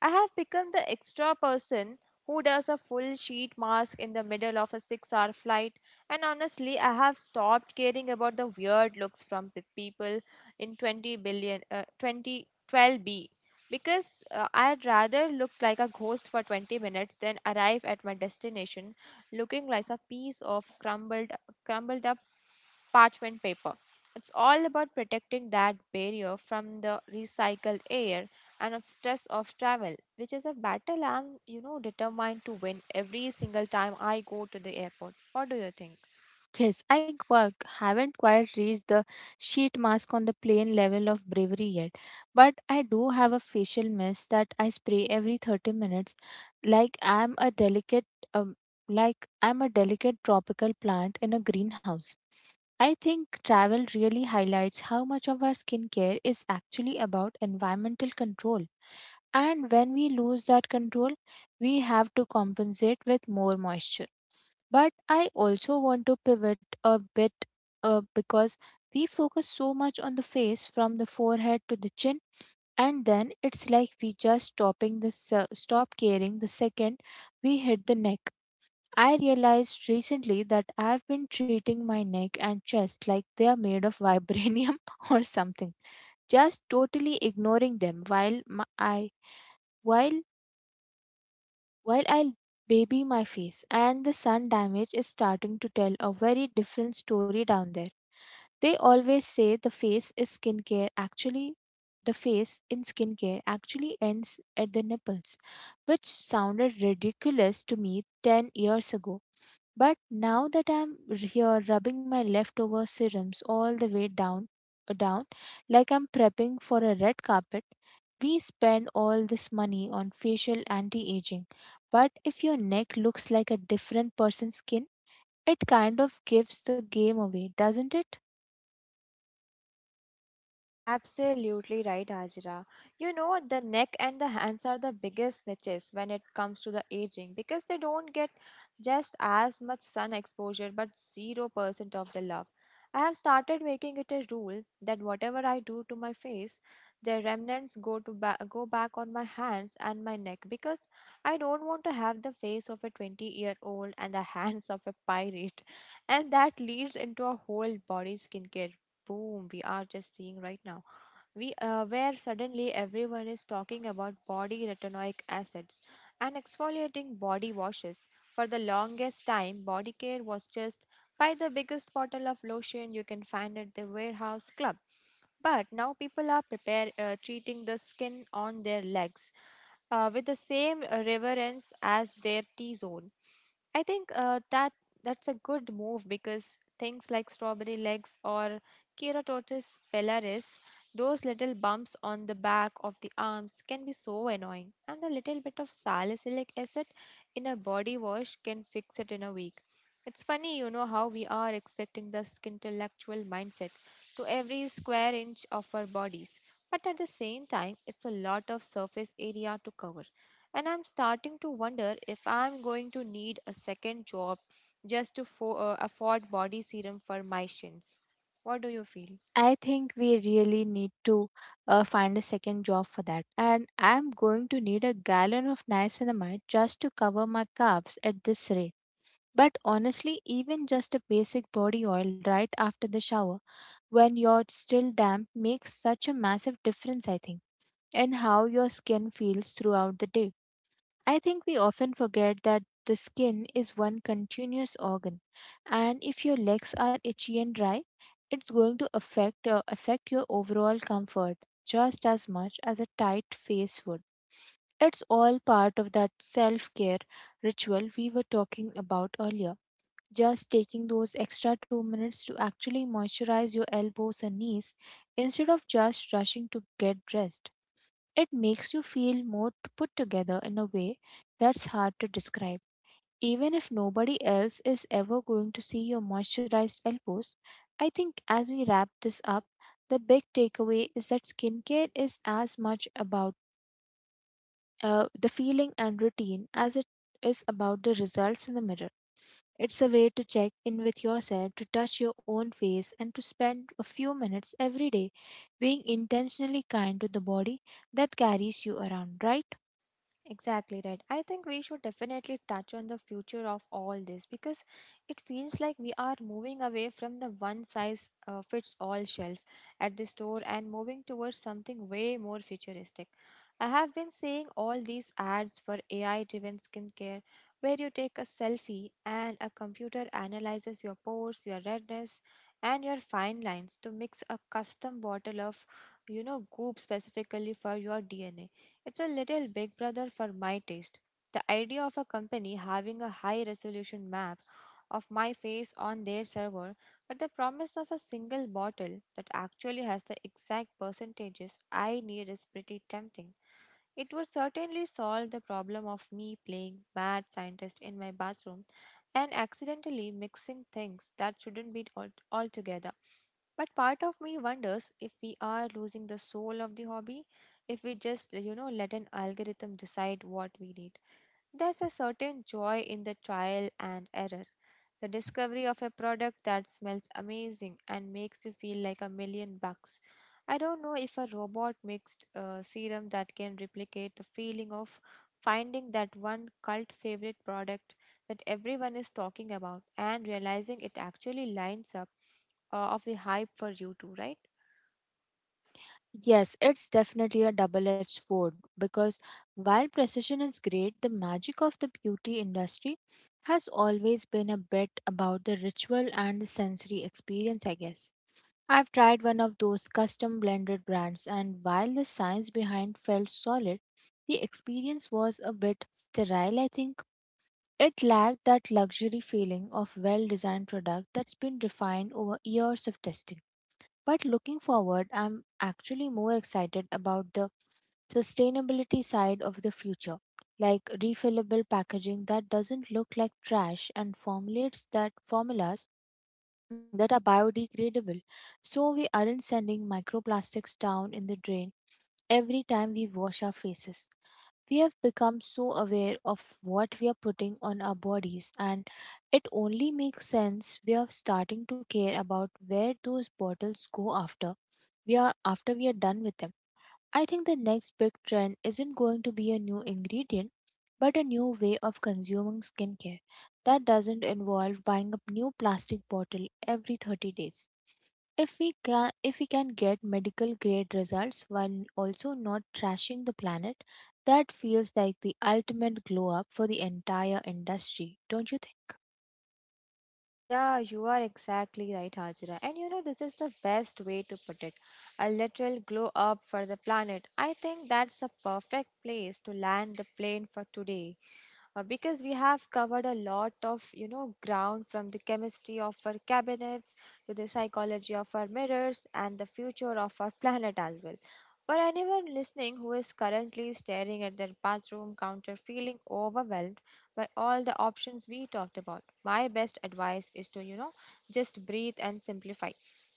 S2: I have become the extra person who does a full sheet mask in the middle of a six hour flight, and honestly, I have stopped caring about the weird looks from p- people in twenty billion, uh, twenty twelve B, because uh, I'd rather look like a ghost for twenty minutes than arrive at my destination looking like a piece of crumbled, crumbled up parchment paper. It's all about protecting that barrier from the recycled air and the stress of travel, which is a battle I'm, you know, determined to win every single time I go to the airport. What do you think?
S1: Yes, I qu- haven't quite reached the sheet mask on the plain level of bravery yet, but I do have a facial mist that I spray every thirty minutes, like I'm a delicate um, like I'm a delicate tropical plant in a greenhouse. I think travel really highlights how much of our skincare is actually about environmental control. And when we lose that control, we have to compensate with more moisture. But I also want to pivot a bit, uh, because we focus so much on the face from the forehead to the chin, and then it's like we just stopping the se- stop caring the second we hit the neck. I realized recently that I've been treating my neck and chest like they are made of vibranium or something, just totally ignoring them while my, I while while I baby my face, and the sun damage is starting to tell a very different story down there. They always say the face is skincare actually the face in skincare actually ends at the nipples, which sounded ridiculous to me ten years ago. But now that I'm r- here rubbing my leftover serums all the way down, uh, down, like I'm prepping for a red carpet. We spend all this money on facial anti-aging, but if your neck looks like a different person's skin, it kind of gives the game away, doesn't it?
S2: Absolutely right, Ajira. You know, the neck and the hands are the biggest niches when it comes to the aging, because they don't get just as much sun exposure but zero percent of the love. I have started making it a rule that whatever I do to my face, the remnants go to ba- go back on my hands and my neck, because I don't want to have the face of a twenty year old and the hands of a pirate. And that leads into a whole body skincare boom we are just seeing right now, we uh, where suddenly everyone is talking about body retinoic acids and exfoliating body washes. For the longest time, body care was just buy the biggest bottle of lotion you can find at the warehouse club. But now people are prepare uh, treating the skin on their legs uh, with the same uh, reverence as their T zone. I think uh, that that's a good move, because things like strawberry legs or keratosis pilaris, those little bumps on the back of the arms, can be so annoying, and the little bit of salicylic acid in a body wash can fix it in a week. It's funny, you know, how we are expecting this intellectual mindset to every square inch of our bodies. But at the same time, it's a lot of surface area to cover. And I'm starting to wonder if I'm going to need a second job just to fo- uh, afford body serum for my shins. What do you feel?
S1: I think we really need to uh, find a second job for that. And I'm going to need a gallon of niacinamide just to cover my calves at this rate. But honestly, even just a basic body oil right after the shower, when you're still damp, makes such a massive difference, I think, in how your skin feels throughout the day. I think we often forget that the skin is one continuous organ, and if your legs are itchy and dry, it's going to affect uh, affect your overall comfort just as much as a tight face would. It's all part of that self-care ritual we were talking about earlier. Just taking those extra two minutes to actually moisturize your elbows and knees, instead of just rushing to get dressed. It makes you feel more t- put together in a way that's hard to describe. Even if nobody else is ever going to see your moisturized elbows, I think, as we wrap this up, the big takeaway is that skincare is as much about uh, the feeling and routine as it is about the results in the mirror. It's a way to check in with yourself, to touch your own face, and to spend a few minutes every day being intentionally kind to the body that carries you around, right?
S2: Exactly right. I think we should definitely touch on the future of all this, because it feels like we are moving away from the one size uh, fits all shelf at the store and moving towards something way more futuristic. I have been seeing all these ads for A I driven skincare, where you take a selfie and a computer analyzes your pores, your redness, and your fine lines to mix a custom bottle of, you know, goop specifically for your D N A. It's a little big brother for my taste. The idea of a company having a high resolution map of my face on their server, but the promise of a single bottle that actually has the exact percentages I need, is pretty tempting. It would certainly solve the problem of me playing mad scientist in my bathroom and accidentally mixing things that shouldn't be al- altogether. But part of me wonders if we are losing the soul of the hobby, if we just, you know, let an algorithm decide what we need. There's a certain joy in the trial and error, the discovery of a product that smells amazing and makes you feel like a million bucks. I don't know if a robot mixed uh, serum that can replicate the feeling of finding that one cult favorite product that everyone is talking about, and realizing it actually lines up uh, of the hype for you too, right?
S1: Yes, it's definitely a double edged sword, because while precision is great, the magic of the beauty industry has always been a bit about the ritual and the sensory experience, I guess. I've tried one of those custom blended brands, and while the science behind felt solid, the experience was a bit sterile, I think. It lacked that luxury feeling of well designed product that's been refined over years of testing. But looking forward, I'm actually more excited about the sustainability side of the future, like refillable packaging that doesn't look like trash and formulates that formulas that are biodegradable. So we aren't sending microplastics down in the drain every time we wash our faces. We have become so aware of what we are putting on our bodies, and it only makes sense we are starting to care about where those bottles go after we are after we are done with them. I think the next big trend isn't going to be a new ingredient, but a new way of consuming skincare that doesn't involve buying a new plastic bottle every thirty days. If we can, if we can get medical grade results while also not trashing the planet, that feels like the ultimate glow up for the entire industry, don't you think?
S2: Yeah, you are exactly right, Hajra. And you know, this is the best way to put it: a literal glow up for the planet. I think that's a perfect place to land the plane for today. Uh, because we have covered a lot of, you know, ground, from the chemistry of our cabinets to the psychology of our mirrors and the future of our planet as well. For anyone listening who is currently staring at their bathroom counter feeling overwhelmed by all the options we talked about, my best advice is to, you know, just breathe and simplify.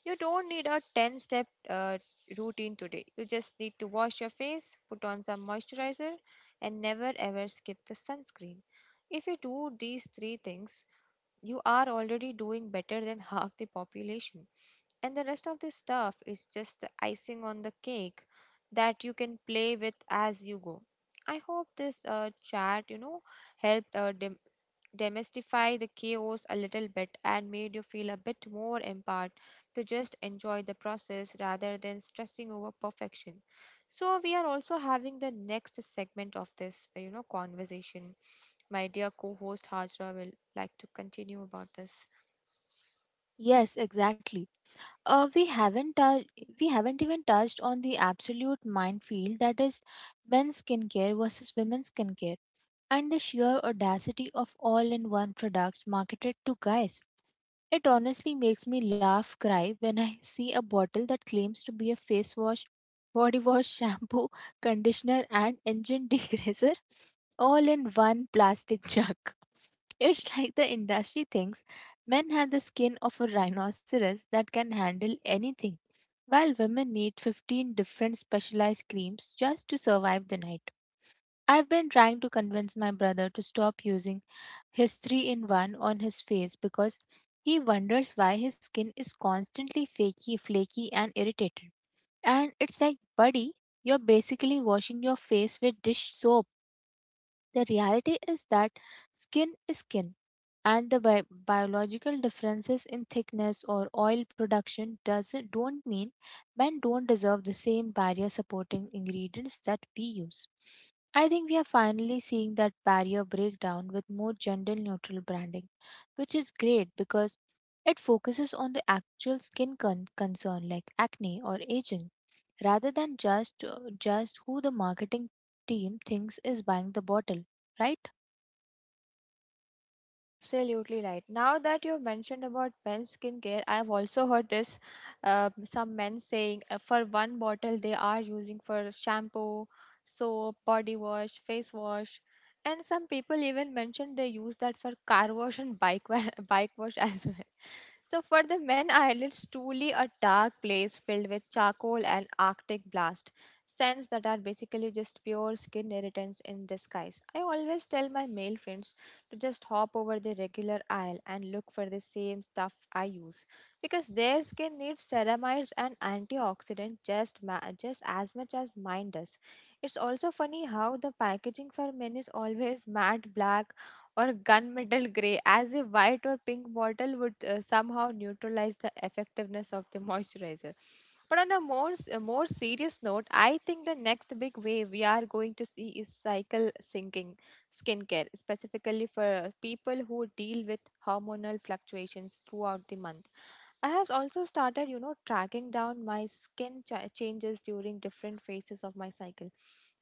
S2: You don't need a ten step uh, routine today. You just need to wash your face, put on some moisturizer, and never ever skip the sunscreen. If you do these three things, you are already doing better than half the population. And the rest of this stuff is just the icing on the cake that you can play with as you go. I hope this uh, chat, you know, helped uh, dem- demystify the chaos a little bit and made you feel a bit more empowered to just enjoy the process rather than stressing over perfection. So we are also having the next segment of this, uh, you know, conversation. My dear co-host Hajra will like to continue about this.
S1: Yes, exactly. Uh, we haven't tou- we haven't even touched on the absolute minefield that is men's skincare versus women's skincare, and the sheer audacity of all-in-one products marketed to guys. It honestly makes me laugh cry when I see a bottle that claims to be a face wash, body wash, shampoo, conditioner, and engine degreaser all in one plastic jug. It's like the industry thinks men have the skin of a rhinoceros that can handle anything, while women need fifteen different specialized creams just to survive the night. I've been trying to convince my brother to stop using his three in one on his face, because he wonders why his skin is constantly fakey, flaky, and irritated. And it's like, buddy, you're basically washing your face with dish soap. The reality is that skin is skin, and the bi- biological differences in thickness or oil production doesn't don't mean men don't deserve the same barrier supporting ingredients that we use. I think we are finally seeing that barrier breakdown with more gender neutral branding, which is great because it focuses on the actual skin con- concern, like acne or aging, rather than just just who the marketing team thinks is buying the bottle, right?
S2: Absolutely right. Now that you've mentioned about men's skincare, I've also heard this, uh, some men saying, uh, for one bottle they are using for shampoo, soap, body wash, face wash, and some people even mentioned they use that for car wash and bike wa- bike wash as well. So for the men, islands truly a dark place filled with charcoal and arctic blast scents that are basically just pure skin irritants in disguise. I always tell my male friends to just hop over the regular aisle and look for the same stuff I use, because their skin needs ceramides and antioxidants just ma- just as much as mine does. It's also funny how the packaging for men is always matte black or gunmetal gray, as if white or pink bottle would uh, somehow neutralize the effectiveness of the moisturizer. But on the more s- uh, more serious note, I think the next big wave we are going to see is cycle syncing, skincare, specifically for people who deal with hormonal fluctuations throughout the month. I have also started, you know, tracking down my skin ch- changes during different phases of my cycle.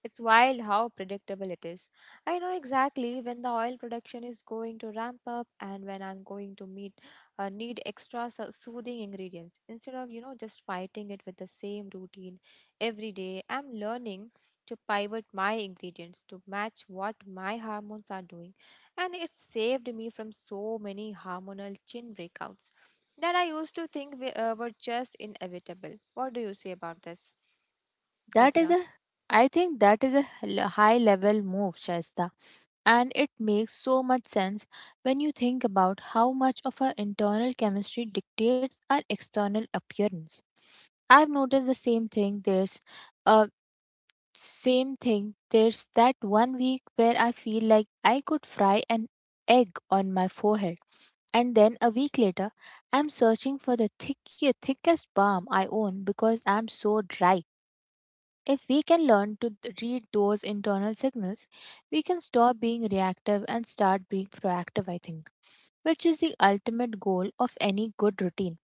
S2: It's wild how predictable it is. I know exactly when the oil production is going to ramp up and when I'm going to meet uh, need extra so- soothing ingredients, instead of, you know, just fighting it with the same routine every day. I'm learning to pivot my ingredients to match what my hormones are doing, and it saved me from so many hormonal chin breakouts that I used to think we, uh, were just inevitable. What do you say about this,
S1: That is
S2: Hajra?
S1: a, I think that is a hel- high level move, Shaista. And it makes so much sense when you think about how much of our internal chemistry dictates our external appearance. I've noticed the same thing. There's uh, same thing. There's that one week where I feel like I could fry an egg on my forehead. And then a week later, I'm searching for the thick, thickest balm I own, because I'm so dry. If we can learn to th- read those internal signals, we can stop being reactive and start being proactive, I think, which is the ultimate goal of any good routine.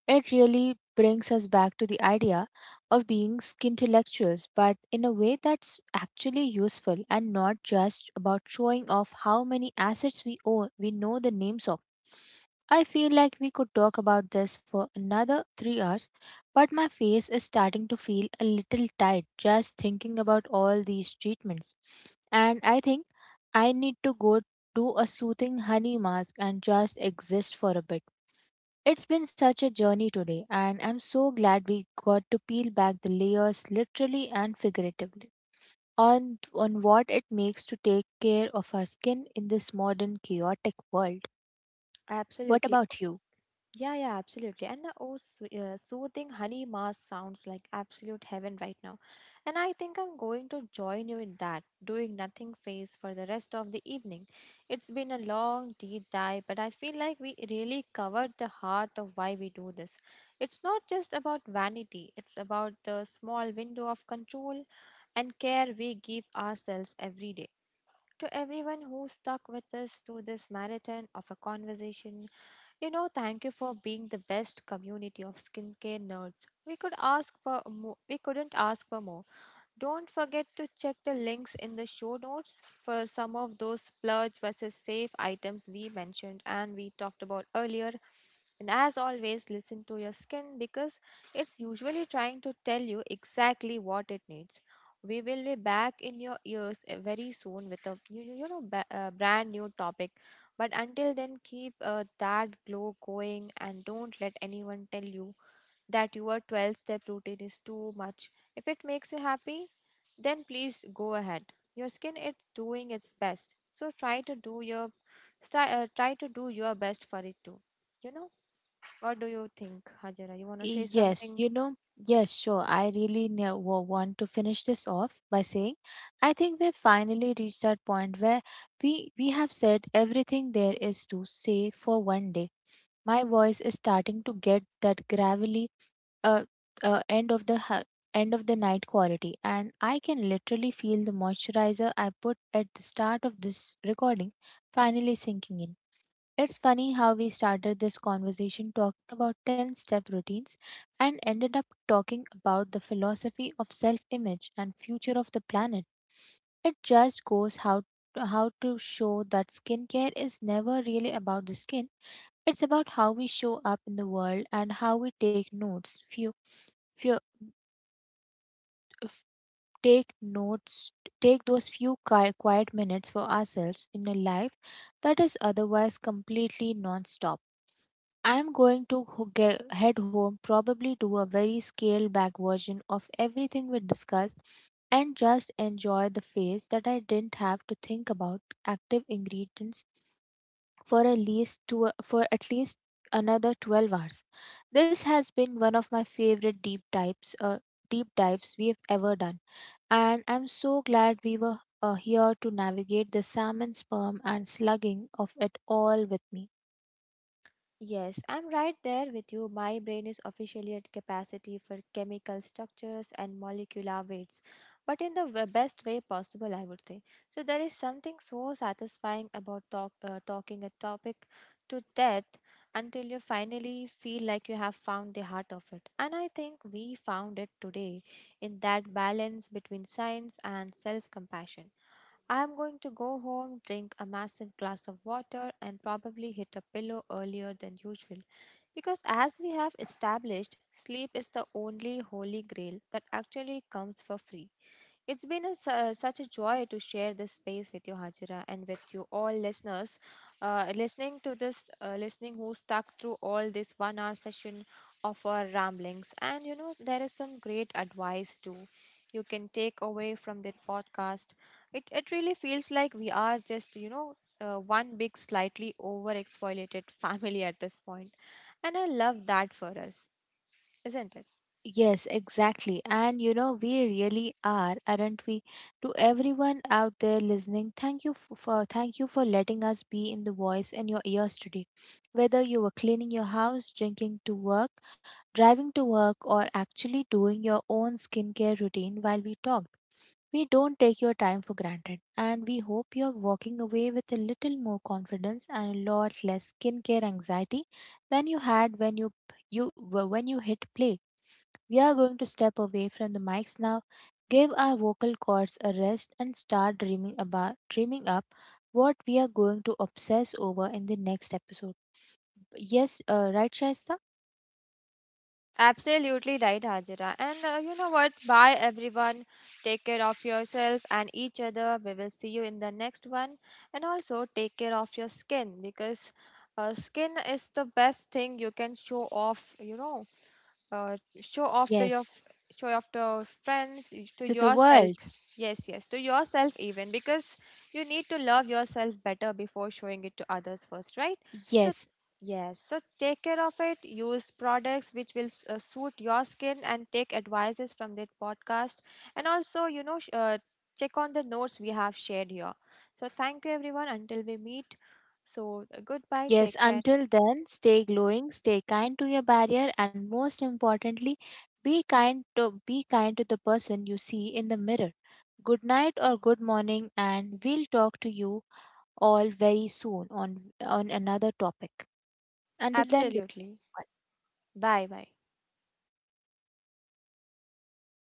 S1: It really brings us back to the idea of being skintellectuals, but in a way that's actually useful and not just about showing off how many assets we own, we know the names of. I feel like we could talk about this for another three hours, but my face is starting to feel a little tight just thinking about all these treatments. And I think I need to go do a soothing honey mask and just exist for a bit. It's been such a journey today, and I'm so glad we got to peel back the layers, literally and figuratively, on, on what it makes to take care of our skin in this modern chaotic world. What
S2: Absolutely.
S1: about you?
S2: Yeah, yeah, absolutely. And the oh, sw- uh, soothing honey mass sounds like absolute heaven right now. And I think I'm going to join you in that doing nothing phase for the rest of the evening. It's been a long deep dive, but I feel like we really covered the heart of why we do this. It's not just about vanity, it's about the small window of control and care we give ourselves every day. To everyone who stuck with us to this marathon of a conversation, you know, thank you for being the best community of skincare nerds. We could ask for mo- we couldn't ask for more. Don't forget to check the links in the show notes for some of those splurge versus safe items we mentioned and we talked about earlier. And as always, listen to your skin because it's usually trying to tell you exactly what it needs. We will be back in your ears uh, very soon with a you, you you know ba- uh, brand new topic. But until then, keep uh, that glow going and don't let anyone tell you that your twelve step routine is too much. If it makes you happy, then please go ahead. Your skin is doing its best. So try to do your try, uh, try to do your best for it too. You know? What do you think, Hajira? You want to
S1: Y-
S2: say
S1: Yes,
S2: something?
S1: you know, yes, sure. I really ne- wa- want to finish this off by saying I think we've finally reached that point where we, we have said everything there is to say for one day. My voice is starting to get that gravelly, uh, uh, end of the ha- end of the night quality, and I can literally feel the moisturizer I put at the start of this recording finally sinking in. It's funny how we started this conversation talking about ten step routines and ended up talking about the philosophy of self image and future of the planet. It just goes how how to show that skincare is never really about the skin. It's about how we show up in the world, and how we take notes few few f- take notes, take those few qui- quiet minutes for ourselves in a life that is otherwise completely non-stop. I am going to ho- ge- head home, probably do a very scaled back version of everything we discussed, and just enjoy the phase that I didn't have to think about active ingredients for at least two, for at least another twelve hours. This has been one of my favorite deep dives uh, deep dives we have ever done, and I'm so glad we were uh, here to navigate the salmon sperm and slugging of it all with me.
S2: Yes, I'm right there with you. My brain is officially at capacity for chemical structures and molecular weights, but in the w- best way possible, I would say. So, there is something so satisfying about talk, uh, talking a topic to death until you finally feel like you have found the heart of it. And I think we found it today in that balance between science and self compassion. I'm going to go home, drink a massive glass of water, and probably hit a pillow earlier than usual. Because, as we have established, sleep is the only holy grail that actually comes for free. It's been a, su- such a joy to share this space with you, Hajira, and with you all listeners. Uh, listening to this, uh, listening who stuck through all this one hour session of our ramblings. And you know, there is some great advice too you can take away from this podcast. It, it really feels like we are just, you know, uh, one big, slightly over exfoliated family at this point, and I love that for us, isn't it?
S1: Yes, exactly. And you know, we really are, aren't we? To everyone out there listening, thank you f- for thank you for letting us be in the voice in your ears today. Whether you were cleaning your house, drinking to work, driving to work, or actually doing your own skincare routine while we talked. We don't take your time for granted, and we hope you're walking away with a little more confidence and a lot less skincare anxiety than you had when you you when you hit play. We are going to step away from the mics now, give our vocal cords a rest, and start dreaming about dreaming up what we are going to obsess over in the next episode. Yes, uh, right Shaista?
S2: Absolutely right, Hajira. And uh, you know what? Bye, everyone. Take care of yourself and each other. We will see you in the next one. And also, take care of your skin because uh, skin is the best thing you can show off, you know uh, show off to
S1: Yes.
S2: your f- show off to your friends y- to
S1: To the
S2: yourself.
S1: world.
S2: Yes, yes, to yourself even, because you need to love yourself better before showing it to others first, right? So
S1: Yes.
S2: yes, so take care of it. Use products which will s- uh, suit your skin and take advices from that podcast. And also, you know, sh- uh, check on the notes we have shared here. So thank you everyone until we meet. So uh, goodbye,
S1: Yes,
S2: take care.
S1: until then, stay glowing, stay kind to your barrier, and most importantly, be kind to be kind to the person you see in the mirror. Good night or good morning, and we'll talk to you all very soon on on another topic. Until then, goodbye.
S2: Absolutely. Bye bye.